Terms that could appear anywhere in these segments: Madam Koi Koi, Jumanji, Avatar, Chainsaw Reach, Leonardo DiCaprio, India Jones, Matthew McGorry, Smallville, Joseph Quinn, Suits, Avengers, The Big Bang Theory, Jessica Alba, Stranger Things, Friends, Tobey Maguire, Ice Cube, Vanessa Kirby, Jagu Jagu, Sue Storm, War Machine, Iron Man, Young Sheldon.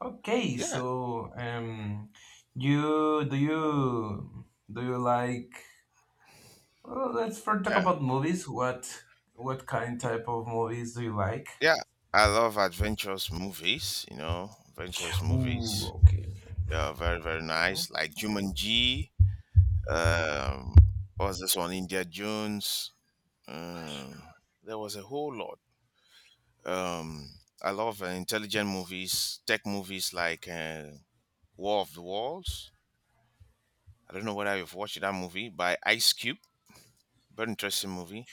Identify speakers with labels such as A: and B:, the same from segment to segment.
A: Okay,
B: Yeah,
A: so um, you do you do you like? Well, let's first talk
B: yeah,
A: about movies. What kind
B: y-
A: type of movies do you like?
B: yeah. I love adventurous movies. You know, adventurous movies.
A: Ooh, okay,
B: Yeah, very nice. Like Jumanji. Um, what's this one? India Jones. Um, there was a whole lot. Um, I love intelligent movies, tech movies like War of the Worlds. I don't know whether you've watched that movie by Ice Cube. Very interesting movie.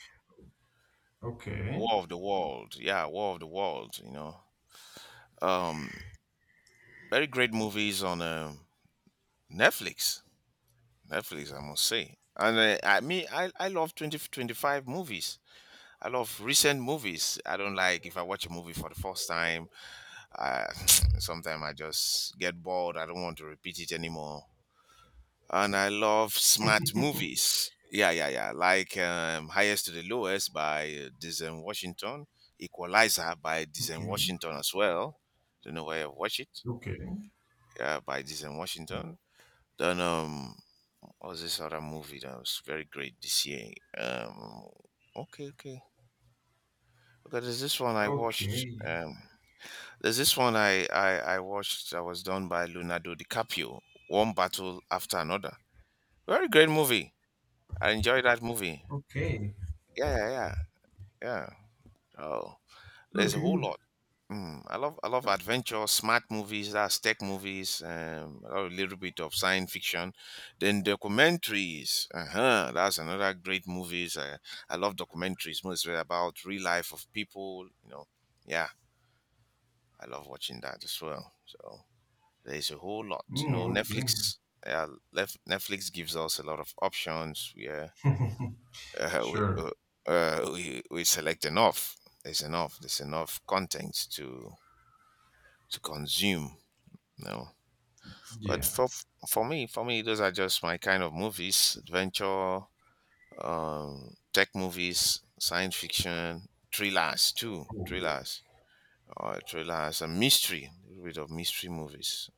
A: okay,
B: War of the World. Yeah, War of the World. You know. Um, Very great movies on. Netflix. Netflix, I must say. And I mean, I love 2025 movies. I love recent movies. I don't like if I watch a movie for the first time. Uh, Sometimes I just get bored. I don't want to repeat it anymore. And I love smart movies. Yeah, yeah, yeah. Like Highest to the Lowest by Dizen Washington, Equalizer by Dizen
A: okay,
B: Washington as well. Don't know where I watch it.
A: okay,
B: Yeah, by Dizen Washington. Then was this other movie that was very great this year? Um, okay, okay. Okay, there's this one I watched.
A: okay,
B: There's this one I watched that was done by Leonardo DiCaprio. One battle after another. Very great movie. I enjoyed that movie.
A: okay,
B: Yeah, yeah, yeah. yeah. Oh, there's a whole
A: okay,
B: lot. Mm, I love adventure, smart movies, that's tech movies, I love a little bit of science fiction, then documentaries. Uh-huh, that's another great movies. I love documentaries, mostly about real life of people. Yeah, I love watching that as well. So there's a whole lot. You
A: mm,
B: know,
A: okay.
B: Netflix. Uh, Netflix gives us a lot of options. Uh, we, uh,
A: Sure.
B: we select enough. There's enough content to consume. No. But
A: Yeah.
B: for me, those are just my kind of movies: adventure, tech movies, science fiction,
A: Oh yeah.
B: thrillers, thrillers, and mystery, a little bit of mystery movies.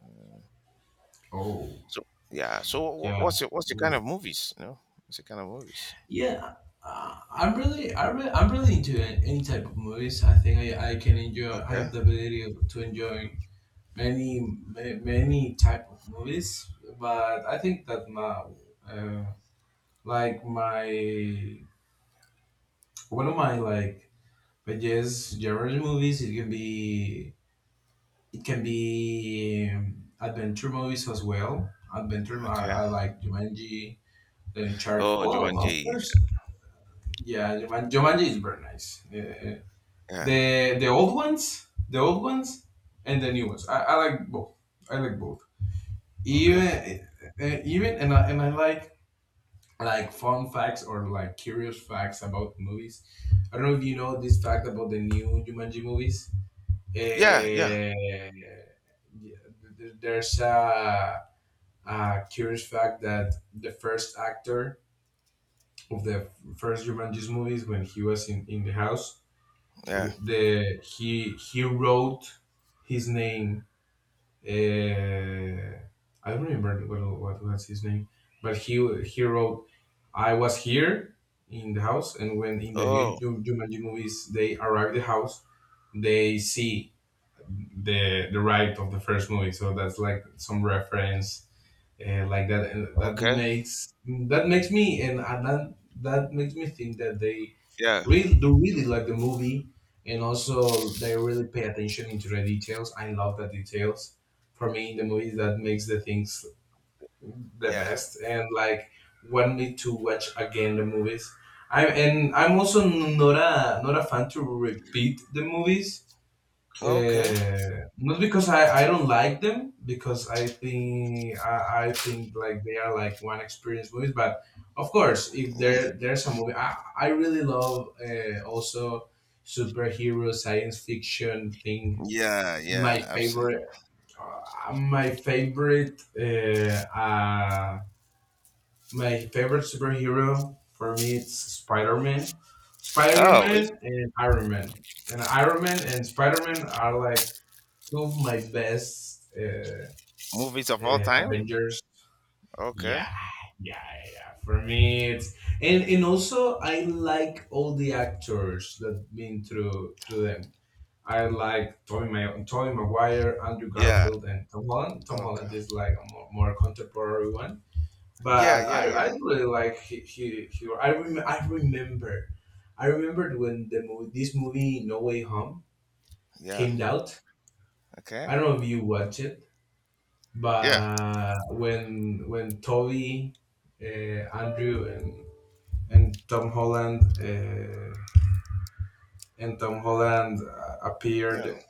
A: Oh
B: So yeah. So wh-
A: yeah.
B: what's your what's your kind
A: Oh.
B: of movies? What's your kind of movies?
A: Yeah, I'm really into any type of movies. I think I can enjoy. I
B: Okay.
A: have the ability to enjoy many type of movies. But I think that my, uh, like my one of my like my jazz genre movies. It can be adventure movies as well. Adventure. I,
B: Okay.
A: I like Jumanji, The Uncharted.
B: Oh,
A: Well, of
B: Jumanji.
A: course, yeah, Jumanji is very nice. Uh,
B: Yeah.
A: the the old ones, the old ones, and the new ones. I like both. I like both.
B: Okay.
A: Even even and I like fun facts or like curious facts about movies. I don't know if you know this fact about the new Jumanji movies.
B: Yeah. Yeah.
A: Yeah, there's a curious fact that the first actor of the first Jumanji's movies when he was in the house
B: Yeah.
A: the he wrote his name. Uh, I don't remember what was his name, but he wrote I was here in the house, and when in the new
B: Oh.
A: Jumanji movies they arrive the house, they see the right of the first movie. So that's like some reference like that. And
B: Okay.
A: that makes me and that that makes me think that they
B: Yeah.
A: really they really like the movie, and also they really pay attention into the details. I love the details. For me, the movies that makes the things the
B: Yeah.
A: best and like want me to watch again the movies, I'm also not a fan to repeat the movies,
B: Okay.
A: not because I don't like them because I think like they are like one experience movies. But of course, if
B: Yeah.
A: there's a movie I really love. Also superhero, science fiction thing.
B: Yeah. Yeah.
A: My
B: Absolutely.
A: favorite my favorite my favorite superhero for me, it's Spider-Man.
B: Oh,
A: Spider-Man and Iron Man, and Iron Man and Spider-Man, are like two of my best
B: Movies of all time?
A: Avengers.
B: Okay.
A: Yeah, yeah, yeah, yeah. For me, it's and also I like all the actors that been through them. I like Tobey Maguire, Andrew
B: Yeah.
A: Garfield, and Tom Holland. Tom
B: Okay.
A: Holland is like a more contemporary one,
B: Yeah,
A: but
B: yeah,
A: I
B: yeah.
A: really like he, I remembered when this movie No Way Home
B: Yeah.
A: came out.
B: Okay.
A: I don't know if you watched it.
B: Yeah.
A: But when Toby, Andrew, and and Tom Holland uh, and Tom Holland
B: Yeah.
A: appeared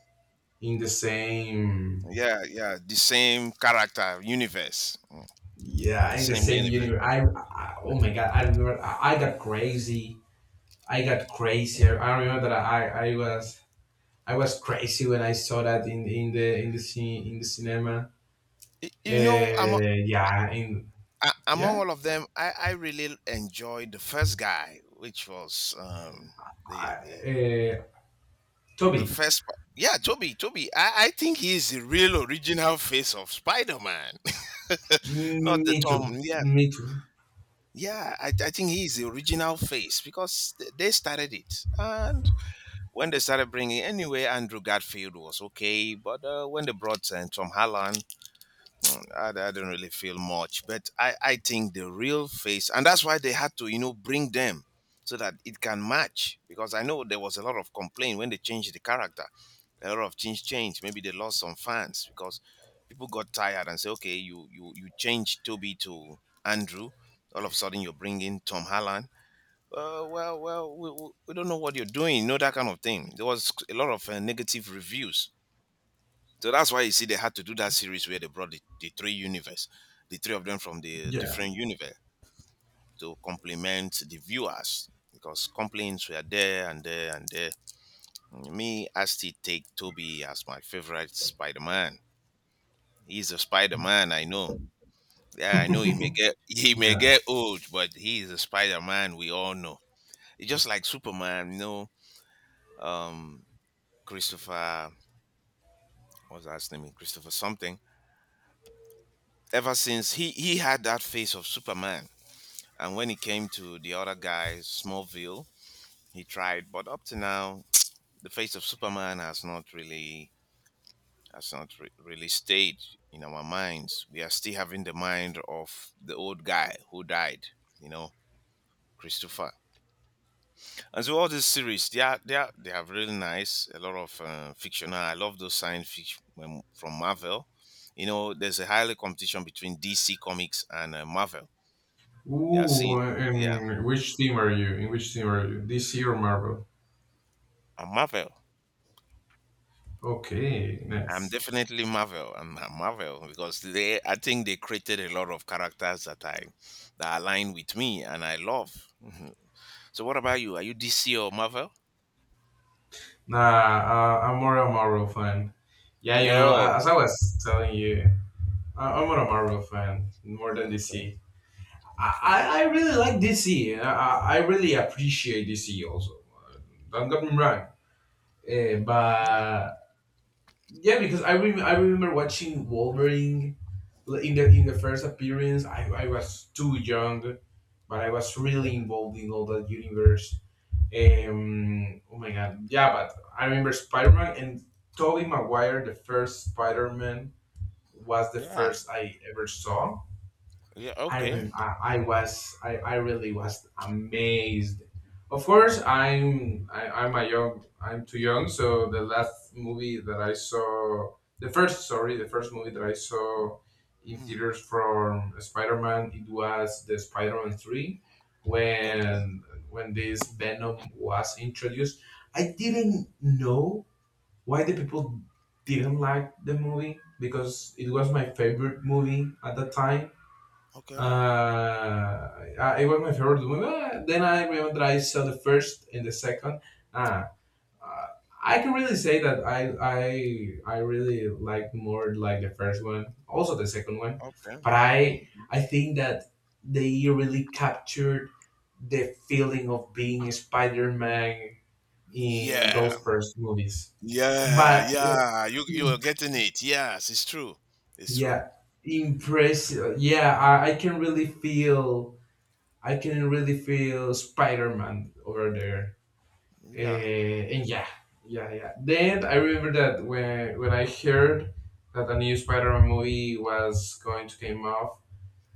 A: in the same
B: Yeah, yeah. The same character, universe. Mm,
A: yeah
B: the
A: in the
B: same
A: same
B: universe.
A: universe. I oh
B: Yeah.
A: my god! I remember I got crazy. I got crazier. I remember that I was crazy when I saw that in the scene in the cinema.
B: You know, among,
A: Uh, yeah, in
B: among
A: yeah.
B: all of them, I really enjoyed the first guy, which was the,
A: I, uh,
B: the
A: Toby.
B: first. Yeah, Toby. Toby. I think he's the real original face of Spider Man, not the
A: Me
B: Tom.
A: too.
B: Yeah,
A: Me too.
B: Yeah, I think he's the original face because they started it. And when they started bringing, anyway, Andrew Garfield was okay. But when they brought Tom Holland, I didn't really feel much, but I think the real face, and that's why they had to, you know, bring them so that it can match. Because I know there was a lot of complaint when they changed the character, a lot of things changed. Maybe they lost some fans because people got tired and say, okay, you changed Toby to Andrew, all of a sudden you're bringing Tom Holland. We don't know what you're doing, you know that kind of thing. There was a lot of negative reviews so that's why you see they had to do that series where they brought the three universe, the three of them from the
A: Yeah,
B: different universe to complement the viewers because complaints were there and there and there. Me, I still take Toby as my favorite Spider Man. He's a Spider Man, I know. Yeah, I know he may get he may
A: yeah.
B: get old, but he is a Spider Man we all know. It's just like Superman, you know, um Christopher what's that name? Christopher something. Ever since he had that face of Superman. And when it came to the other guy, Smallville, he tried, but up to now, the face of Superman has not really has not really stayed in our minds. We are still having the mind of the old guy who died, you know, Christopher. And so all these series, they are really nice. A lot of fictional. I love those science fiction from Marvel. You know, there's a highly competition between DC Comics and Marvel. They are seeing,
A: Ooh,
B: yeah,
A: and which team are you? In which team are you? DC or Marvel?
B: and Marvel.
A: Okay,
B: I'm
A: nice.
B: definitely Marvel. I'm Marvel because they, I think they created a lot of characters that I that align with me and I love. Mhm. So, what about you? Are you DC or Marvel?
A: Nah, I'm more a Marvel fan. Yeah, you know,
B: No.
A: as I was telling you, I'm more a Marvel fan more than
B: Okay.
A: DC. I,
B: Okay.
A: I I really like DC. I I really appreciate DC also. Don't get me wrong. Uh,
B: Yeah.
A: but yeah, because I remember watching Wolverine in the first appearance. I was too young, but I was
B: Okay.
A: really involved in all that universe. Oh my god, yeah, but I remember Spider Man and Tobey Maguire, the first Spider Man, was the
B: Yeah.
A: first I ever saw.
B: Yeah.
A: I
B: Okay.
A: rem- I, I was I, I really was amazed. Of course, I'm a young, I'm too young, so the last movie that I saw, the first sorry, the first movie that I saw in
B: Mm.
A: theaters from Spider-Man, it was the Spider-Man three,
B: Okay.
A: when when this Venom was introduced. I didn't know why the people didn't like the movie because it was my favorite movie at the time.
B: Okay.
A: uh, it was my favorite movie. Then I remember I saw the first and the second. Uh, uh, I can really say that I really like more like the first one, also the second one,
B: Okay.
A: but I
B: Mhm.
A: I think that they really captured the feeling of being Spider Man in
B: Yeah.
A: those first movies.
B: Yeah.
A: But
B: Yeah. You are getting it. Yes, it's true. It's true.
A: yeah, impressive. Yeah, I can really feel I can really feel Spider Man over there.
B: Yeah.
A: And yeah, yeah. Then I remember that when I heard that a new Spider Man movie was going to come off,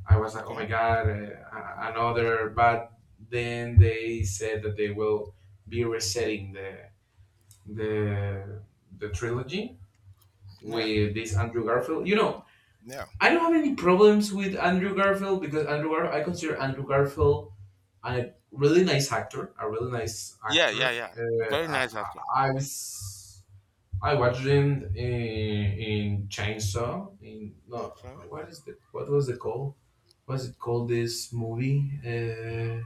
A: I was like, oh
B: Okay.
A: my god, another. But then they said that they will be resetting the the trilogy
B: Yeah.
A: with this Andrew Garfield. You know,
B: Yeah.
A: I don't have any problems with Andrew Garfield because I consider Andrew Garfield and a really nice actor, a really nice
B: Yeah. Yeah.
A: actor.
B: Yeah. Very nice actor.
A: I was I watched him in Chainsaw. In no,
B: Okay.
A: what is the what was it called? What's it called? This movie,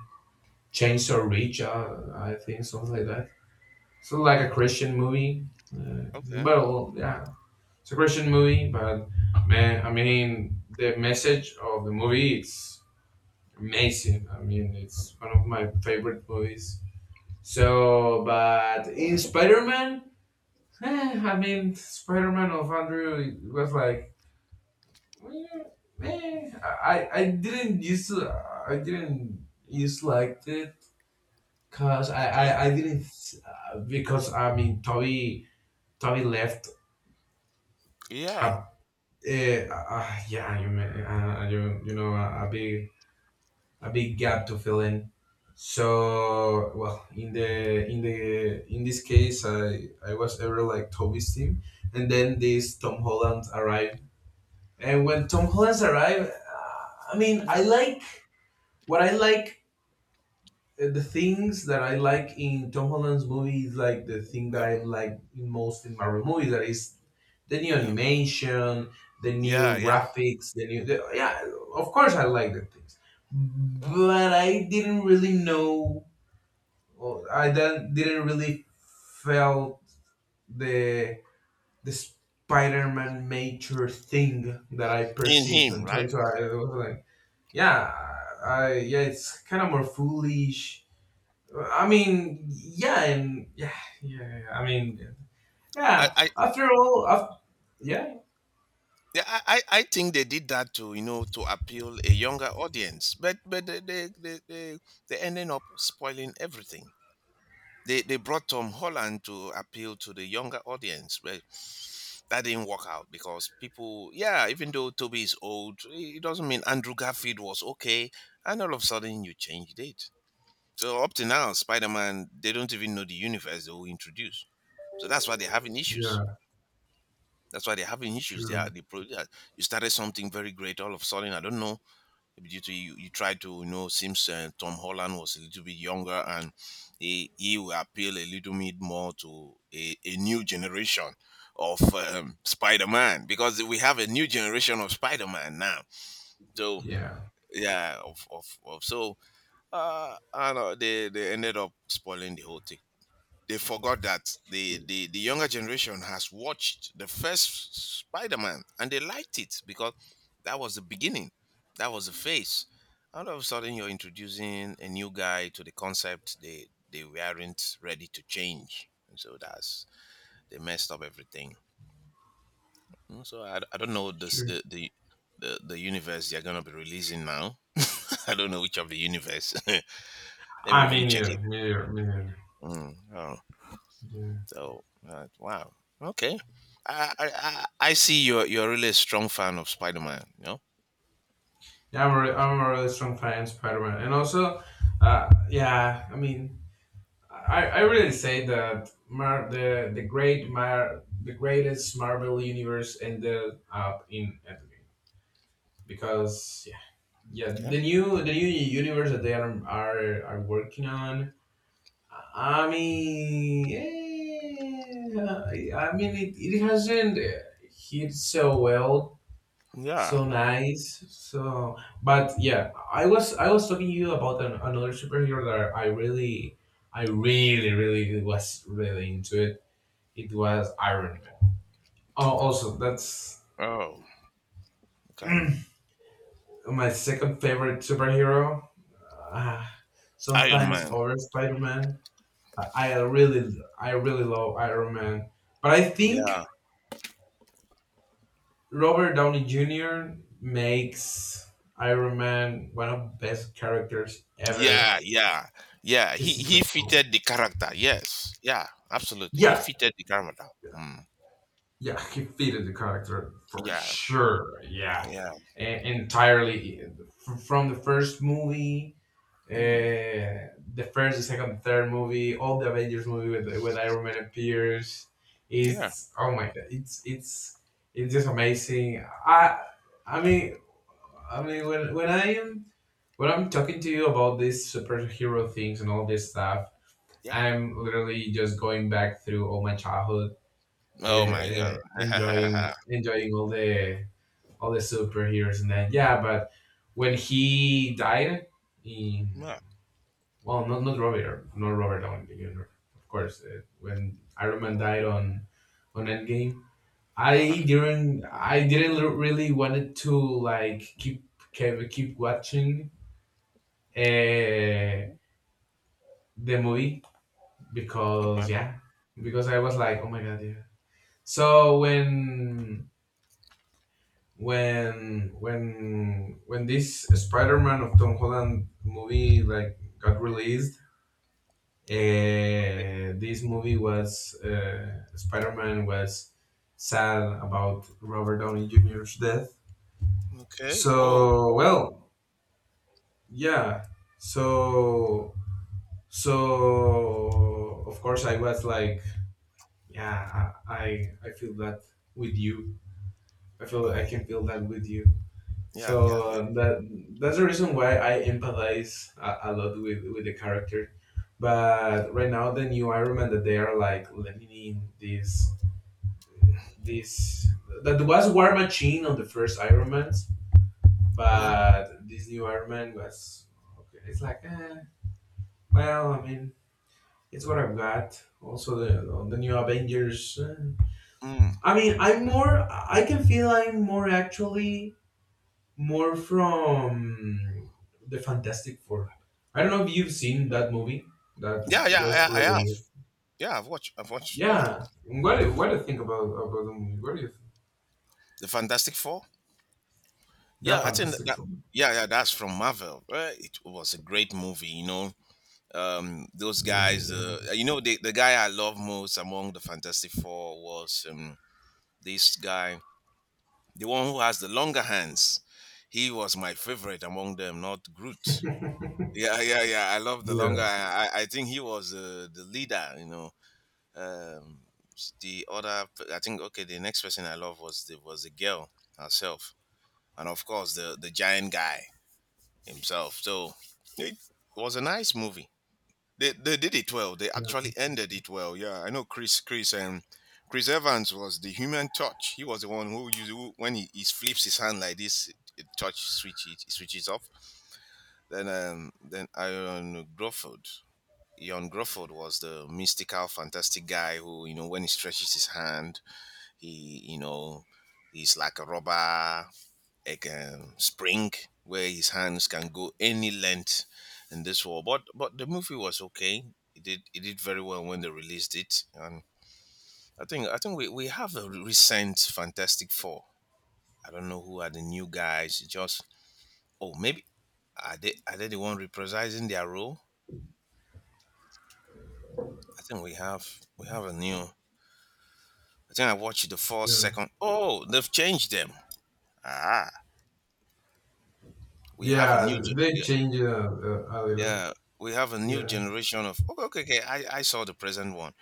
A: Chainsaw Reach, I think something like that. So like a
B: Okay.
A: Christian movie.
B: Okay.
A: Well, yeah, it's a Christian movie, but man, I mean the message of the movie is amazing. I mean, it's one of my favorite movies. So, but in Spider Man, I mean, Spider Man of Andrew was like, eh, I didn't used to, I didn't used to like it because
B: Okay.
A: I didn't, because I mean, Toby, Toby left.
B: Yeah.
A: Uh, yeah, you, you know, a big gap to fill in. So well, in the in the in this case, I was ever like Toby's team, and then this Tom Holland arrived, and when Tom Holland arrived, I mean,
B: Yeah.
A: I like the things that I like in Tom Holland's movie is like the thing that
B: Yeah.
A: I like in most in Marvel movies. That is the new
B: Yeah.
A: animation, the
B: Yeah.
A: new
B: Yeah.
A: graphics, the new the, yeah. Of course, I like the things,
B: yeah.
A: but I didn't really know. Or I didn't really felt the the Spider-Man nature thing that I
B: In
A: perceived
B: him,
A: on Toy.
B: right?
A: So I was like, yeah, I yeah, it's kind of more foolish. I mean, yeah, and yeah. I mean, yeah.
B: I
A: After all, after, yeah,
B: yeah, I think they did that to you know to appeal a younger audience, but they ended up spoiling everything. They brought Tom Holland to appeal to the younger audience, but that didn't work out because people yeah, even though Toby is old, it doesn't mean Andrew Garfield was okay, and all of a sudden you changed it. So up to now, Spider-Man, they don't even know the universe they will introduce. So that's why they're having issues.
A: yeah,
B: That's why they're having issues. They are
A: sure.
B: you started something very great all of a sudden. I don't know. Maybe due to you, you tried to you know seems Tom Holland was a little bit younger and he will appeal a little bit more to a new generation of Spider-Man because we have a new generation of Spider-Man now. So
A: Yeah.
B: yeah, of so I don't know they ended up spoiling the whole thing. They forgot that the younger generation has watched the first Spider-Man and they liked it because that was the beginning, that was the face. All of a sudden, you're introducing a new guy to the concept they weren't ready to change, and so that's they messed up everything. Mm, so I don't know this
A: Sure.
B: the universe they're gonna be releasing now. I don't know which of the universe. Let me
A: I
B: even
A: mean,
B: check
A: yeah,
B: it.
A: me neither, me neither.
B: Mm, oh.
A: Yeah,
B: So wow, okay. I, I I see you're really a strong fan of Spider Man. You know?
A: yeah. Am a really strong fan of Spider-Man, and also, yeah. I mean, I really say that the greatest Marvel universe ended up in Endgame because yeah, yeah.
B: Okay.
A: The new universe that they are working on. I mean, yeah, I mean, it hasn't hit so well,
B: Yeah.
A: so nice, so. But yeah, I was talking to you about another superhero that I really, really was really into it. It was Iron Man. Oh, also that's
B: Oh. Okay.
A: mm, my second favorite superhero. Ah,
B: Iron
A: sometimes
B: Man.
A: over Spider Man. I really, I really love Iron Man, but I
B: Yeah.
A: think. Robert Downey Jr. makes Iron Man one of the best characters ever.
B: Yeah. Yeah. Yeah. He
A: He's
B: he
A: intercom.
B: fitted the character. Yes. Yeah. Absolutely. He
A: Yeah,
B: fitted the character. Mm.
A: yeah, he fitted the character for
B: Yeah.
A: sure. Yeah,
B: Yeah.
A: Entirely from the first movie,
B: Mm.
A: the first, the second, the third movie, all the Avengers movie with Iron Man appears.
B: Yeah.
A: It's oh my god, it's it's just amazing. I mean I mean when I am when I'm talking to you about these superhero things and all this stuff,
B: Yeah.
A: I'm literally just going back through all my childhood,
B: Oh my god.
A: enjoying all the superheroes, and then yeah. But when he died in
B: yeah.
A: well, not Robert, not Robert Downey Jr. Of course, when Iron Man died on Endgame,
B: Ah.
A: I didn't really wanted to like keep watching uh, the movie because
B: Okay.
A: yeah, because I was like, oh my god, yeah. So when this Spider-Man of Tom Holland movie like got released, this movie was Spider-Man was sad about Robert Downey Jr.'s death.
B: Okay. Oh.
A: So
B: Oh.
A: well, yeah. So so of course I was like, yeah, I feel that with you. I feel I
B: Oh.
A: can feel that with you.
B: Yeah. Yeah. Yeah.
A: So that that's the reason why I empathize a lot with the character. But right now, the new Iron Man that they are like letting in this this that was War Machine on the first Iron Man,
B: Oh.
A: but this new Iron Man was okay. It's like well, I mean, it's what I've got. Also, the new Avengers. Eh.
B: Mm.
A: I mean, I'm more. I can feel I'm more actually more from the Fantastic Four. I don't know if you've seen that movie that
B: Yeah, yeah,
A: just
B: yeah, I have.
A: released.
B: Yeah, I've watched. I've watched. Yeah,
A: Yeah, what do you think about the movie? What do you think?
B: the Fantastic Four.
A: Yeah,
B: Yeah, I think
A: Fantastic
B: that.
A: Four.
B: Yeah, yeah, that's from Marvel. Right? It was a great movie. You know, those
A: Yeah,
B: guys.
A: yeah,
B: You know, the guy I love most among the Fantastic Four was this guy, the one who has the longer hands. He was my favorite among them, not Groot. Yeah, yeah, yeah. I love the longer.
A: yeah,
B: I think he was the leader. You know, um, the other. I think okay. The next person I love was the girl herself. And of course the giant guy himself. So it was a nice movie. They did it well. They
A: yeah,
B: actually ended it well. Yeah, I know Chris Chris Evans was the human touch. He was the one who used who, when he flips his hand like this, it touch switch it switches off. Then Iron Gruford. Ian Gruford was the mystical, fantastic guy who, you know, when he stretches his hand, he, you know, he's like a robber like a spring where his hands can go any length in this war. But the movie was okay. It did very well when they released it. And I think we have a recent Fantastic Four. I don't know who are the new guys. It Just oh maybe are they the one reprising their role? I think we have a new. I think I watched the first
A: yeah.
B: second. Oh, they've changed them. Ah, we have a new.
A: Yeah, they
B: Yeah,
A: change it a little.
B: yeah, we have a new
A: Yeah,
B: generation of. Okay, okay, okay. I saw the present one.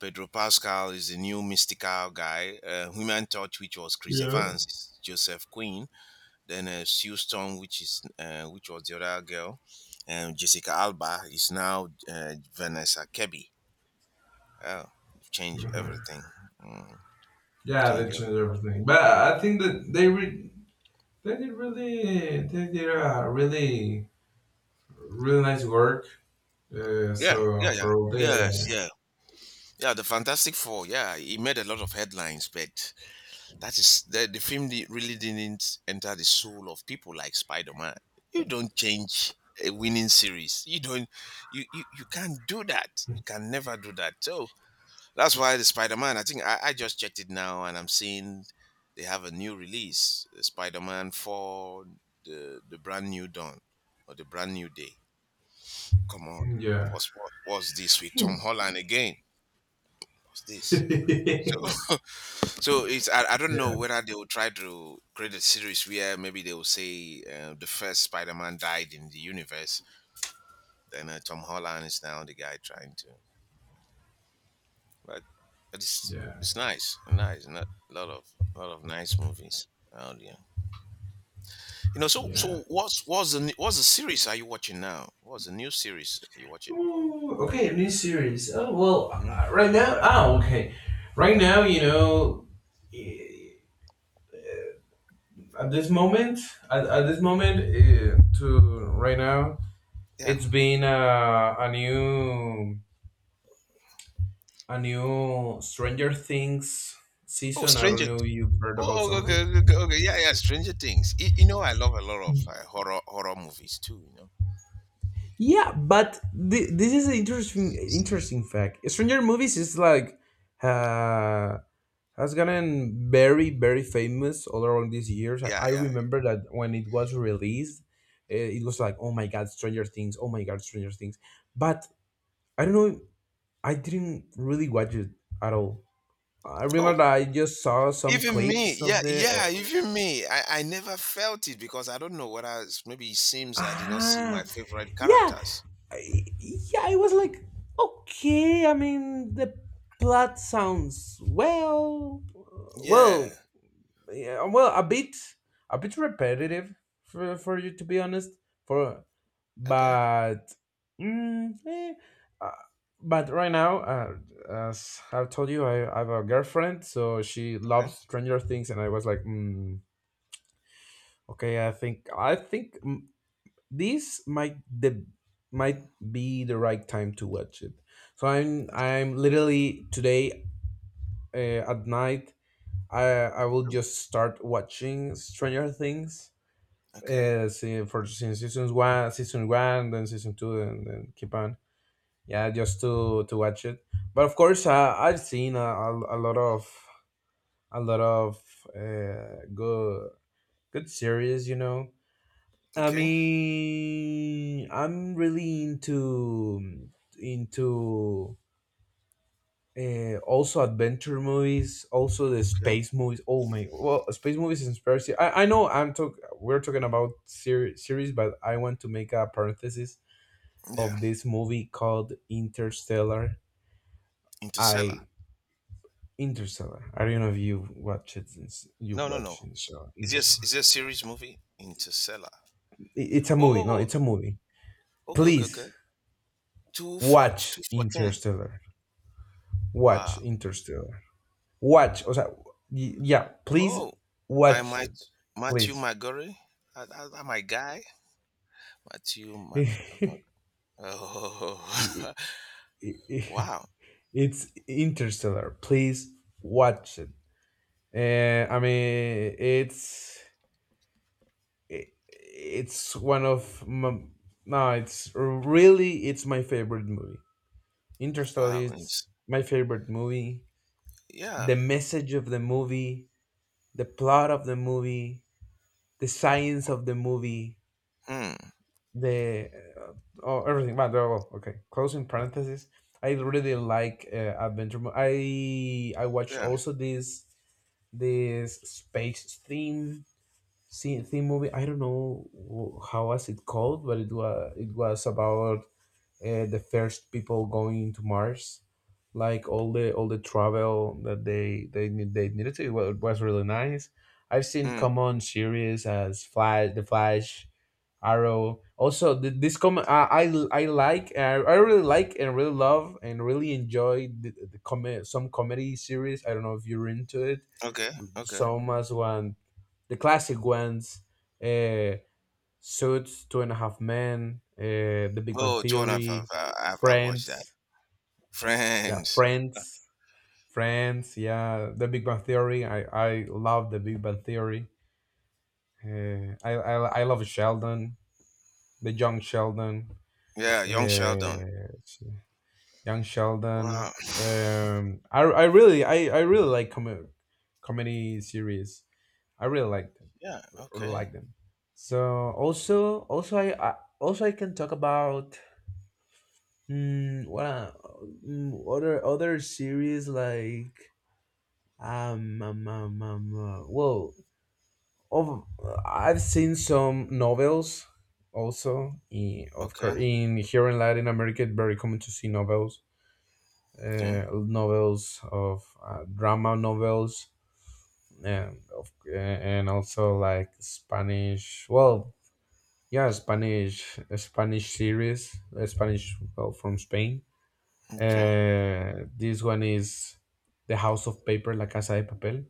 B: Pedro Pascal is the new mystical guy. Human Torch, which was Chris
A: yeah,
B: Evans, is Joseph Quinn. Then Sue Storm, which is which was the other girl, and Jessica Alba is now Vanessa Kirby. Oh, change
A: mhm,
B: everything. Mm,
A: yeah.
B: change
A: They change
B: everything.
A: everything, but I think that they re- they did really they did a really really nice work. Uh,
B: Yeah,
A: so
B: yeah, yeah.
A: for all
B: Yes,
A: the
B: yeah, yeah. The Fantastic Four. Yeah, he made a lot of headlines, but that is the film really didn't enter the soul of people like Spider-Man. You don't change a winning series. You can't do that. You can never do that. So that's why the Spider-Man, I just checked it now and I'm seeing they have a new release, Spider-Man for the brand new dawn or the brand new day. Come on.
A: yeah.
B: What's this with Tom Holland again? What's this? So So I don't know
A: Yeah,
B: whether they will try to create a series where maybe they will say the first Spider-Man died in the universe, and Tom Holland is now the guy trying to. But it's
A: yeah,
B: it's nice, nice, not a lot of nice movies out there. You know, so
A: yeah.
B: what's the series are you watching now? What's the new series are you watching?
A: Ooh, okay, a new series. Oh well,
B: Mm,
A: right now. Oh, okay. Right now, you know, eh, at this moment, at this moment, to right now,
B: Yeah.
A: it's been a new Stranger Things
B: Oh,
A: season. I
B: Stranger.
A: don't
B: Th-
A: know. You've heard about
B: Oh, oh, okay,
A: something?
B: okay, okay, okay. Yeah, yeah. Stranger Things. You know, I love a lot of horror horror movies too. You know.
A: Yeah, but this is an interesting fact. Stranger movies is like uh, has gotten very very famous all around these years.
B: Yeah,
A: I
B: yeah.
A: remember that when it was released, it was like, oh my god, Stranger Things, oh my god, Stranger Things, but I don't know, I didn't really watch it at all. I remember
B: Oh.
A: that I just saw some
B: Even me,
A: clips of
B: yeah,
A: the
B: yeah,
A: oh,
B: even me. I never felt it because I don't know whether it's, maybe it seems I did not see my
A: ah,
B: favorite
A: yeah.
B: characters.
A: Yeah, I was like, okay, I mean the plot sounds well,
B: Yeah.
A: well, yeah, well, a bit repetitive for you to be honest. For
B: Okay.
A: but, mm, eh, uh, but right now, as I've told you, I have a girlfriend, so she loves
B: Okay.
A: Stranger Things, and I was like, okay, I think this might the might be the right time to watch it. So I'm literally today at night. I will
B: Okay.
A: just start watching Stranger Things
B: Okay.
A: see, for since seasons one, season one, then season two, and then keep on. Yeah, just to watch it. But of course, I've seen a lot of a lot of good good series. You know, I
B: Okay.
A: mean, I'm really into also adventure movies, also the
B: Okay.
A: space movies. Oh my, well, space movies inspires you. I know I'm talk we're talking about series, but I want to make a parenthesis
B: Yeah.
A: of this movie called Interstellar.
B: Interstellar.
A: I Interstellar. I don't know if you watch it since you
B: No, no,
A: watch
B: no.
A: Interstellar.
B: Is this
A: Interstellar.
B: is it a series movie? Interstellar.
A: It's a
B: Oh,
A: movie. No,
B: oh, oh.
A: it's a movie.
B: Okay, okay, okay.
A: Please
B: Two for
A: watch
B: two fourteen.
A: Interstellar. Watch
B: Wow.
A: Interstellar. Watch. O sea, yeah. Please
B: Oh, by
A: watch
B: my
A: it.
B: Matthew
A: Please.
B: McGorry. That, that, that my guy. Matthew Mc. Okay.
A: I-
B: Oh,
A: I- I-
B: wow.
A: it's Interstellar, please watch it. I mean, it's it's one of my, no, it's really, it's my favorite movie. Interstellar
B: Wow,
A: is
B: it's
A: my favorite movie.
B: yeah,
A: The message of the movie, the plot of the movie, the science of the movie,
B: mm,
A: the uh, oh, everything. But well, okay, closing parenthesis. I really like adventure I watched
B: yeah,
A: also this space theme theme movie. I don't know how was it called, but it was, it was about the first people going to Mars, like all the travel that they need they needed to. It was really nice. I've seen
B: mm,
A: common series as Flash, The Flash, Arrow. Also, this com I like I really like and really love and really enjoy the some comedy series. I don't know if you're into it.
B: okay, okay.
A: Some as one, the classic ones, uh, Suits, Two and a Half Men, The Big One
B: Oh, John, I've, I've,
A: Theory,
B: uh, I've, I've watched that.
A: Friends. Yeah,
B: Friends,
A: Friends, Friends. Yeah, The Big Bang Theory. I love The Big Bang Theory. Uh, I, I I love Sheldon, the young Sheldon.
B: yeah, Young Sheldon.
A: Uh, Young Sheldon.
B: Wow.
A: I really I really like comedy series. I really like them.
B: Yeah,
A: Or
B: okay,
A: like them. So also also I also I can talk about what other other series like whoa, of, I've seen some novels also. In, of
B: okay,
A: course, in here in Latin America, it's very common to see novels,
B: okay,
A: novels of drama novels, and of, and also like Spanish, well, yeah, Spanish Spanish series, Spanish, well, from Spain.
B: okay.
A: This one is The House of Paper, La Casa de Papel,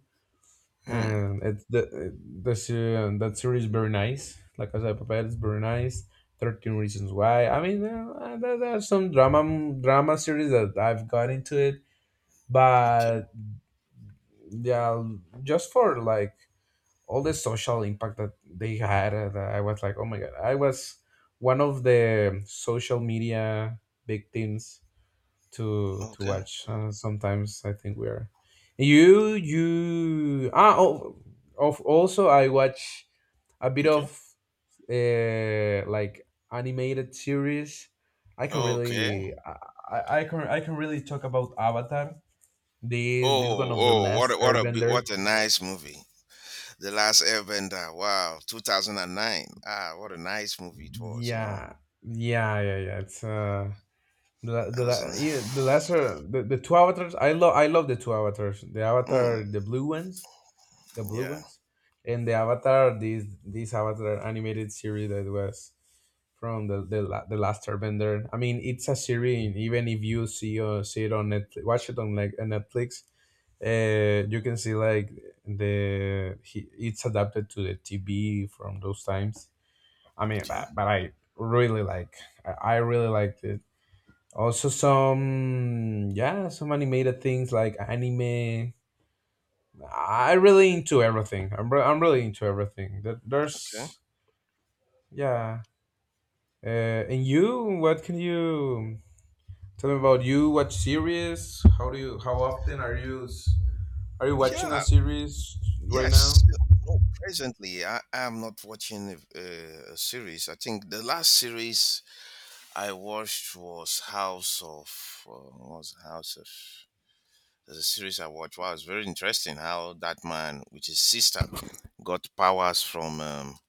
B: Hmm.
A: and it's the that series is very nice. La Casa de Papel is very nice. 13 Reasons Why, I mean, there, there are some drama drama series that I've got into it,
B: Okay.
A: but yeah, just for like all the social impact that they had. I was like, oh my god, I was one of the social media victims to
B: Okay.
A: watch. Sometimes I think we are, you, ah, oh, of, also I watch a bit
B: Okay.
A: of like animated series. I can
B: Okay.
A: really I can, I can really talk about Avatar, this
B: Oh,
A: one of The
B: oh,
A: Last
B: what
A: Airbender.
B: a nice movie. The Last Airbender. Wow, 2009. Ah, what a nice movie it was, you know.
A: Yeah, yeah, yeah, yeah. It's
B: That
A: the
B: was in
A: yeah, the lesser the two avatars. I love the two avatars. The
B: mm,
A: Avatar, the blue
B: yeah.
A: ones, and the Avatar, this Avatar animated series that was from the, The Last Airbender. I mean, it's a series, and even if you see see it on Netflix, watch it on like on Netflix. You can see like the he, it's adapted to the TV from those times. I mean,
B: Okay.
A: but I really like, I really liked it. Also, some, yeah, some animated things like anime. I really into everything. I'm really into everything.
B: Okay.
A: There's yeah. And you, what can you tell me about you? What series? How do you? How often are you? Are you watching a
B: Yeah,
A: series right now?
B: yes. No, presently I am not watching a series. I think the last series I watched was House of what was it? House of. There's a series I watched. Wow, it's very interesting how that man, which is sister, got powers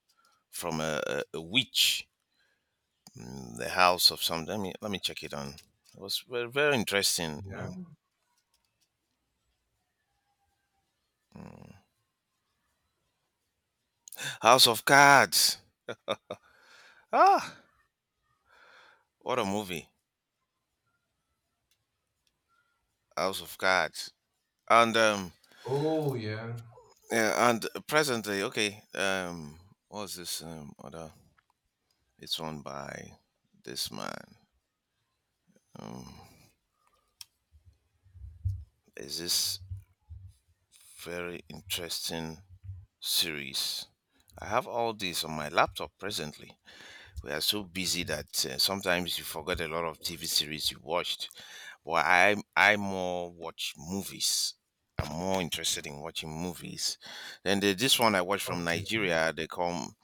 B: from a witch. Mm, the house of some. Let me check it on. It was very, very interesting. You
A: Yeah.
B: know, mm. House of Cards. Ah, what a movie! House of Cards. And
A: Oh yeah.
B: yeah, and presently, okay. What's this other? It's run by this man. Um, is this very interesting series? I have all these on my laptop presently. We are so busy that sometimes you forget a lot of TV series you watched. But I more watch movies. I'm more interested in watching movies. Then the, this one I watched from
A: Okay.
B: Nigeria. They call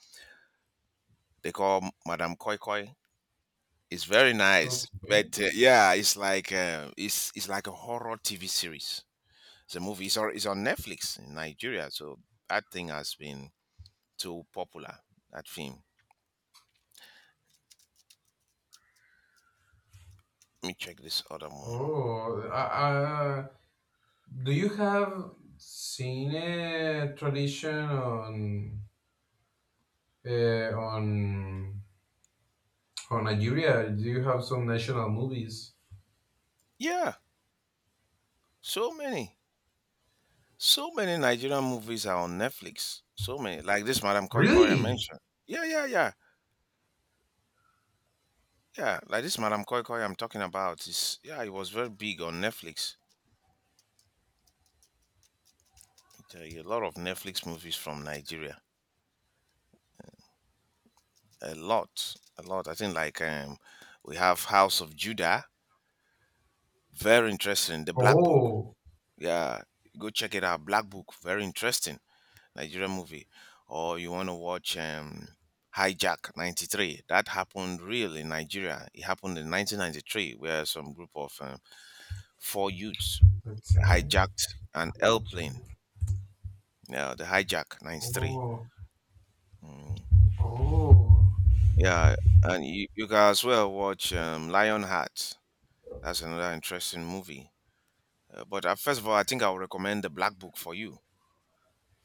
B: they call Madam Koi Koi. It's very nice, but
A: Okay.
B: yeah, it's like it's like a horror TV series. The movie is on Netflix in Nigeria, so that thing has been too popular. That film. Let me check this other one.
A: Oh, I, do you have seen a tradition uh, on on Nigeria? Do you have some national movies?
B: Yeah, so many, so many Nigerian movies are on Netflix. So many, like this Madam Koi Koi I
A: Really?
B: mentioned. Yeah, yeah, yeah, yeah. Like this Madam Koi Koi I'm talking about is yeah, it was very big on Netflix. I tell you, a lot of Netflix movies from Nigeria. A lot, a lot. I think like we have House of Judah, very interesting. The Black Book,
A: Oh,
B: yeah, go check it out. Black Book, very interesting Nigerian movie. Or you want to watch Hijack '93? That happened real in Nigeria. It happened in 1993, where some group of four youths
A: that's
B: hijacked an airplane.
A: Nige-
B: Yeah, the Hijack '93.
A: oh,
B: Mm.
A: oh,
B: Yeah, and you can as well watch Lionheart. That's another interesting movie. But first of all, I think I'll recommend the Black Book for you.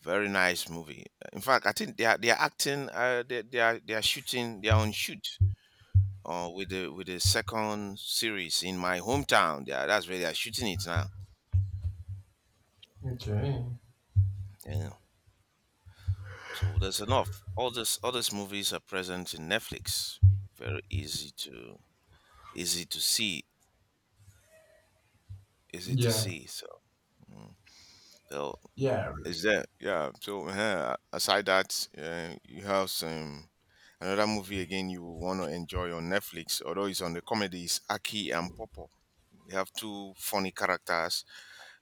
B: Very nice movie. In fact, I think they are acting. They are shooting. They are on shoot. With the second series in my hometown. Yeah, that's where they are shooting it now.
A: okay,
B: Yeah. So there's enough. All these movies are present in Netflix. Very easy to easy to see. Easy to
A: yeah,
B: see. So mm. So
A: yeah,
B: is that yeah? So aside that, you have some another movie again you will want to enjoy on Netflix. Although it's on the comedies, Aki and Popo. We have two funny characters,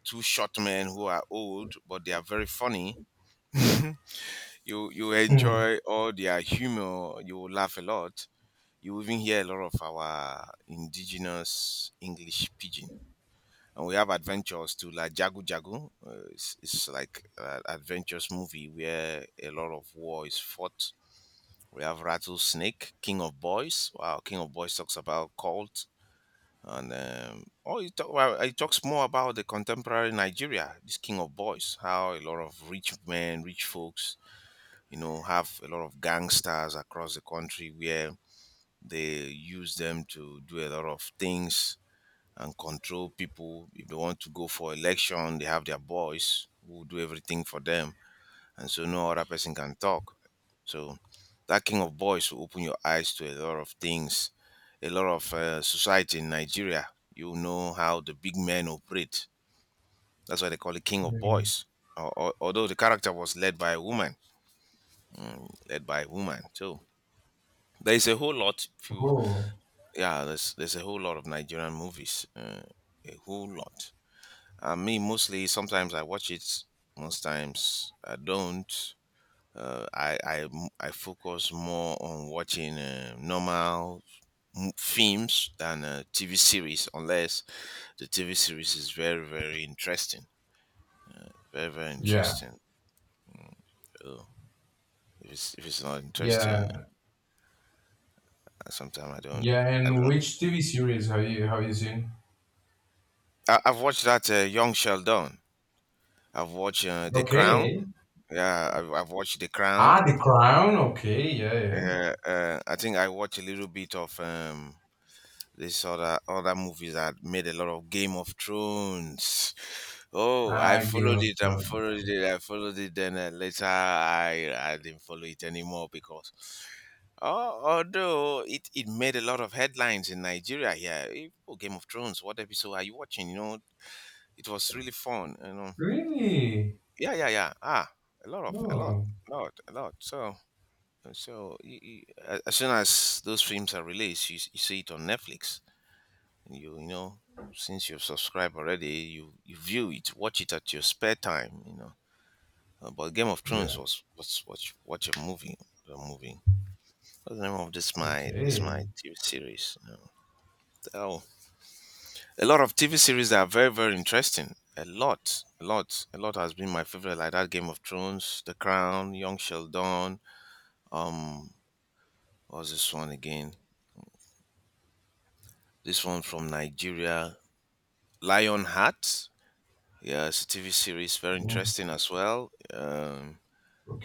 B: two short men who are old but they are very funny. You
A: hmm,
B: enjoy all their humor. You will laugh a lot. You even hear a lot of our indigenous English pidgin and we have adventures too, like Jagu Jagu. It's like an adventures movie where a lot of war is fought. We have Rattlesnake, King of Boys. Wow, King of Boys talks about cult. And oh, it talks more about the contemporary Nigeria, this King of Boys, how a lot of rich men, rich folks, you know, have a lot of gangsters across the country where they use them to do a lot of things and control people. If they want to go for election, they have their boys who do everything for them, and so no other person can talk. So that king of boys will open your eyes to a lot of things, a lot of society in Nigeria. You know how the big men operate. That's why they call it king of
A: yeah,
B: boys. Although the character was led by a woman, mm, led by a woman. So there is a whole lot. If you,
A: oh
B: yeah, there's a whole lot of Nigerian movies. A whole lot. Me mostly. Sometimes I watch it. Most times I don't. I focus more on watching normal films than TV series, unless the TV series is very very interesting. Uh, very very
A: yeah,
B: interesting. Mm, so if it's not interesting,
A: yeah,
B: sometimes I don't
A: yeah.
B: I
A: And
B: don't.
A: which TV series have you seen?
B: I, I've watched that Young Sheldon. I've watched The
A: Okay.
B: Crown. Yeah, I've watched The
A: Ah,
B: Crown.
A: The Crown. Okay, yeah, yeah.
B: I think I watched a little bit of this other other movies that made a lot of Game of Thrones. Oh, I
A: Ah, Game
B: followed
A: of
B: it and
A: Thrones.
B: followed it. I followed it. Then later, I didn't follow it anymore because, oh, although it made a lot of headlines in Nigeria here. Eh, oh, Game of Thrones. What episode are you watching? You know, it was really fun. You know,
A: Really?
B: yeah, yeah, yeah. Ah, a lot of a lot,
A: Oh,
B: lot, a lot. So. So you, as soon as those films are released, you see it on Netflix. You know since you've subscribed already, you view it, watch it at your spare time. You know, uh, but Game of Thrones
A: yeah.
B: was watch a movie. A movie. What's the name of this my this
A: Okay.
B: my TV series? You know? Oh, a lot of TV series that are very very interesting. A lot, a lot, a lot has been my favorite. Like that Game of Thrones, The Crown, Young Sheldon. Um, what was this one again? This one from Nigeria, Lionheart. Yeah, it's a TV series, very
A: Mm,
B: interesting as well.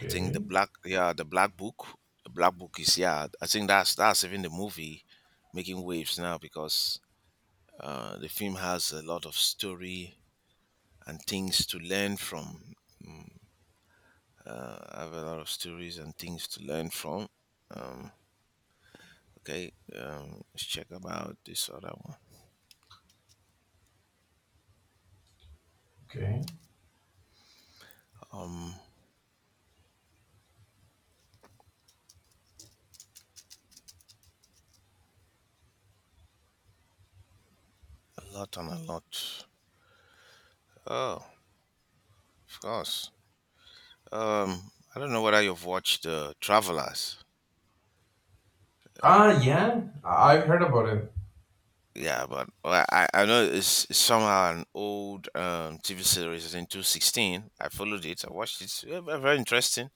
B: I think the black, yeah, the Black Book. The Black Book is yeah. I think that's even the movie making waves now because the film has a lot of story and things to learn from. I have a lot of stories and things to learn from. Um, okay, let's check about this other one.
A: Okay.
B: Um, a lot and a lot. Oh, of course. I don't know whether you've watched Travelers.
A: Ah, yeah. I've heard about it.
B: Yeah, but well, I know it's somehow an old TV series. It's in 2016. I followed it. I watched it. Yeah, very interesting.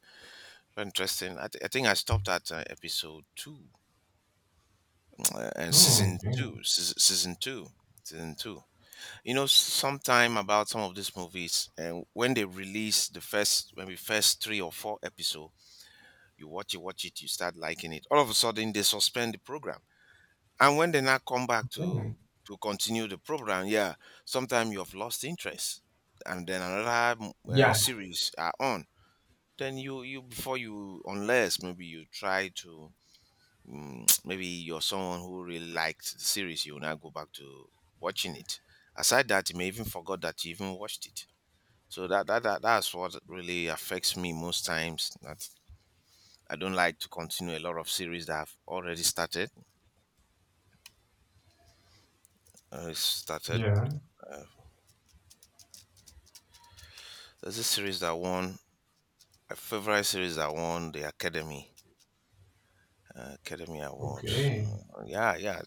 B: Very interesting. I think I stopped at episode two and
A: Oh,
B: season
A: okay.
B: two. Season two. Season two. You know, sometime about some of these movies, and when they release the first, maybe first three or four episode, you watch it, you start liking it. All of a sudden, they suspend the program. And when they now come back
A: Okay.
B: to continue the program, yeah, sometimes you have lost interest, and then another mm,
A: Yeah.
B: series are on. Then you before you unless maybe you try to mm, maybe you're someone who really liked the series, you will now go back to watching it. Aside that, you may even forgot that you even watched it. So that's what really affects me most times. That I don't like to continue a lot of series that I've already started. Started.
A: Yeah.
B: uh, There's a series that won, a favorite series that won the Academy Academy Award.
A: Okay.
B: Yeah, yeah,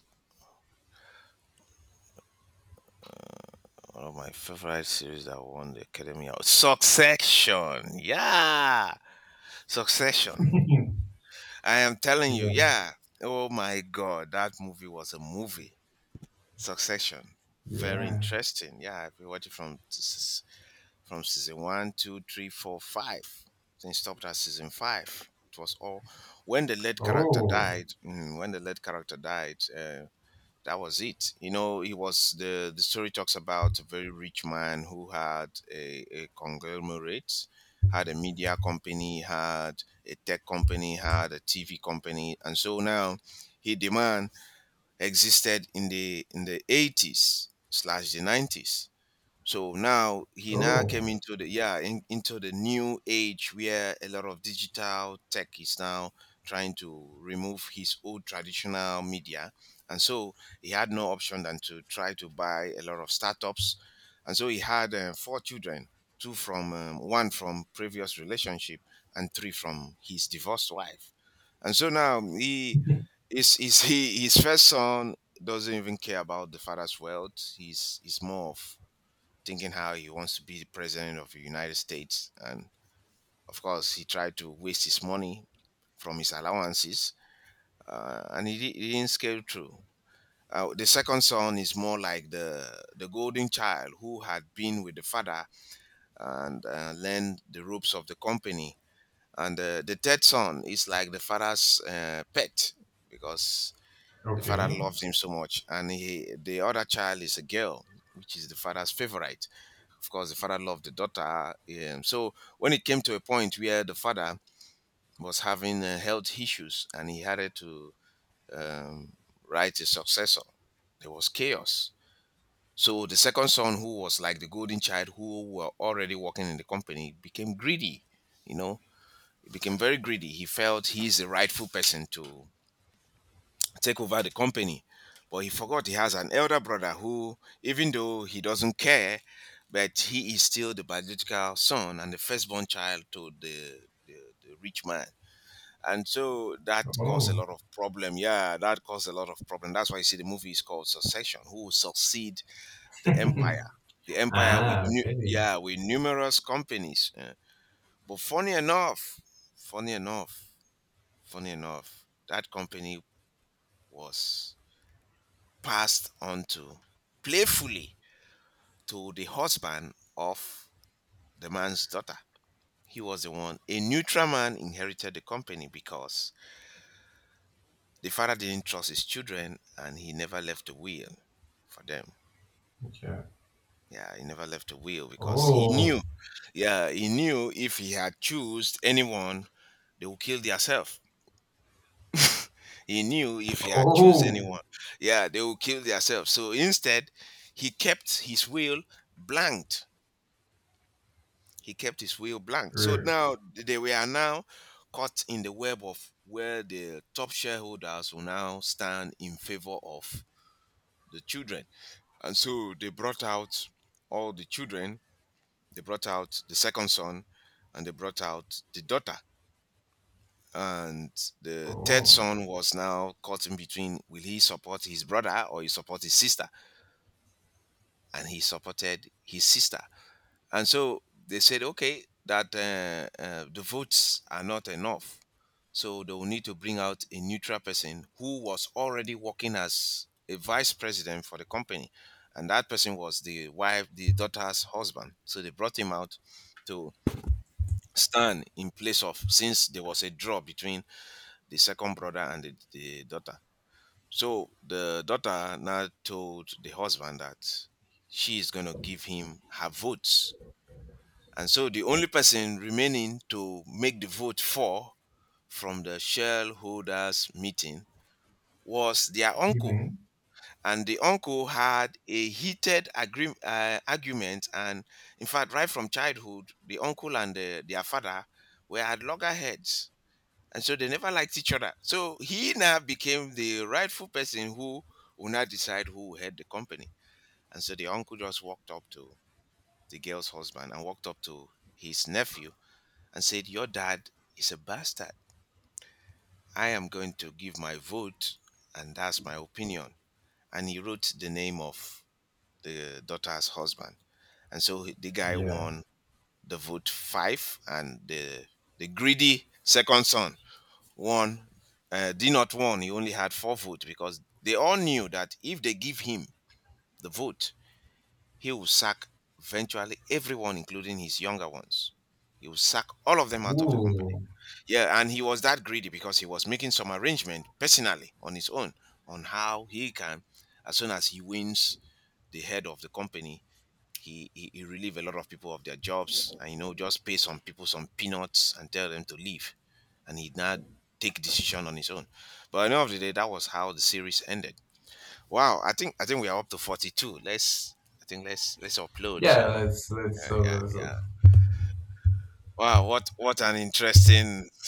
B: one of my favorite series that won the Academy Award. Succession. Yeah, Succession. I am telling you,
A: Yeah.
B: yeah. Oh my God, that movie was a movie. Succession. Very
A: Yeah.
B: interesting. Yeah, I've been watching from from season one, two, three, four, five. Then stopped at season five. It was all when the lead character
A: Oh.
B: died. When the lead character died, that was it. You know, he was the story talks about a very rich man who had a conglomerate, had a media company, had a tech company, had a TV company, and so now he demand existed in the eighties slash the 90s, so now he now came
A: Oh.
B: into the, yeah, into the new age where a lot of digital tech is now trying to remove his old traditional media, and so he had no option than to try to buy a lot of startups, and so he had four children, two from one from previous relationship and three from his divorced wife, and so now he is he his first son doesn't even care about the father's wealth. He's more of thinking how he wants to be the president of the United States. And of course, he tried to waste his money from his allowances, and he didn't scale through. The second son is more like the golden child who had been with the father and learned the ropes of the company. And the third son is like the father's pet because the father
A: Okay.
B: loves him so much. And the other child is a girl, which is the father's favorite, of course, the father loved the daughter. So when it came to a point where the father was having health issues and he had to um, write a successor, there was chaos. So the second son, who was like the golden child, who were already working in the company, became greedy. You know, he became very greedy. He felt he's the rightful person to take over the company. But he forgot he has an elder brother who, even though he doesn't care, but he is still the biological son and the firstborn child to the, the rich man. And so that caused a
A: Oh.
B: lot of problem. Yeah, that caused a lot of problem. That's why you see the movie is called Succession. Who will succeed the empire? The empire with
A: Ah, okay.
B: yeah, with numerous companies. But funny enough, funny enough, funny enough, that company was passed on to, playfully, to the husband of the man's daughter. He was the one. A neutral man inherited the company because the father didn't trust his children and he never left a will for them.
A: Yeah.
B: Yeah, he never left a will because he
A: Oh.
B: knew, yeah, he knew if he had choose anyone, they will kill themselves. He knew if he had choose
A: Oh.
B: anyone, yeah, they will kill themselves. So instead, he kept his will blank. He kept his will blank. So
A: Er,
B: now they we are now caught in the web of where the top shareholders will now stand in favor of the children. And so they brought out all the children, they brought out the second son, and they brought out the daughter. And the third
A: oh.
B: son was now caught in between, will he support his brother or he support his sister? And he supported his sister. And so they said, okay, that the votes are not enough. So they will need to bring out a neutral person who was already working as a vice president for the company. And that person was the wife, the daughter's husband. So they brought him out to stand in place of, since there was a draw between the second brother and the daughter. So the daughter now told the husband that she is going to give him her votes, and so the only person remaining to make the vote for, from the shareholders meeting, was their uncle.
A: Mm-hmm.
B: And the uncle had a heated argument. And in fact, right from childhood, the uncle and their father were at loggerheads. And so they never liked each other. So he now became the rightful person who will now decide who will head the company. And so the uncle just walked up to the girl's husband and walked up to his nephew and said, your dad is a bastard. I am going to give my vote, and that's my opinion. And he wrote the name of the daughter's husband. And so the guy
A: Yeah.
B: won the vote five, and the greedy second son won. Did not won. He only had four votes because they all knew that if they give him the vote, he will sack eventually everyone, including his younger ones. He will sack all of them out of the company.
A: Ooh.
B: Yeah, and he was that greedy because he was making some arrangement personally on his own on how he can, as soon as he wins the head of the company, he relieve a lot of people of their jobs and, you know, just pay some people some peanuts and tell them to leave. And he would now take decision on his own. But at the end of the day, that was how the series ended. Wow, I think we are up to 42. Let's I think let's upload.
A: Yeah,
B: So
A: that's
B: yeah,
A: so, so
B: yeah. Wow, what an interesting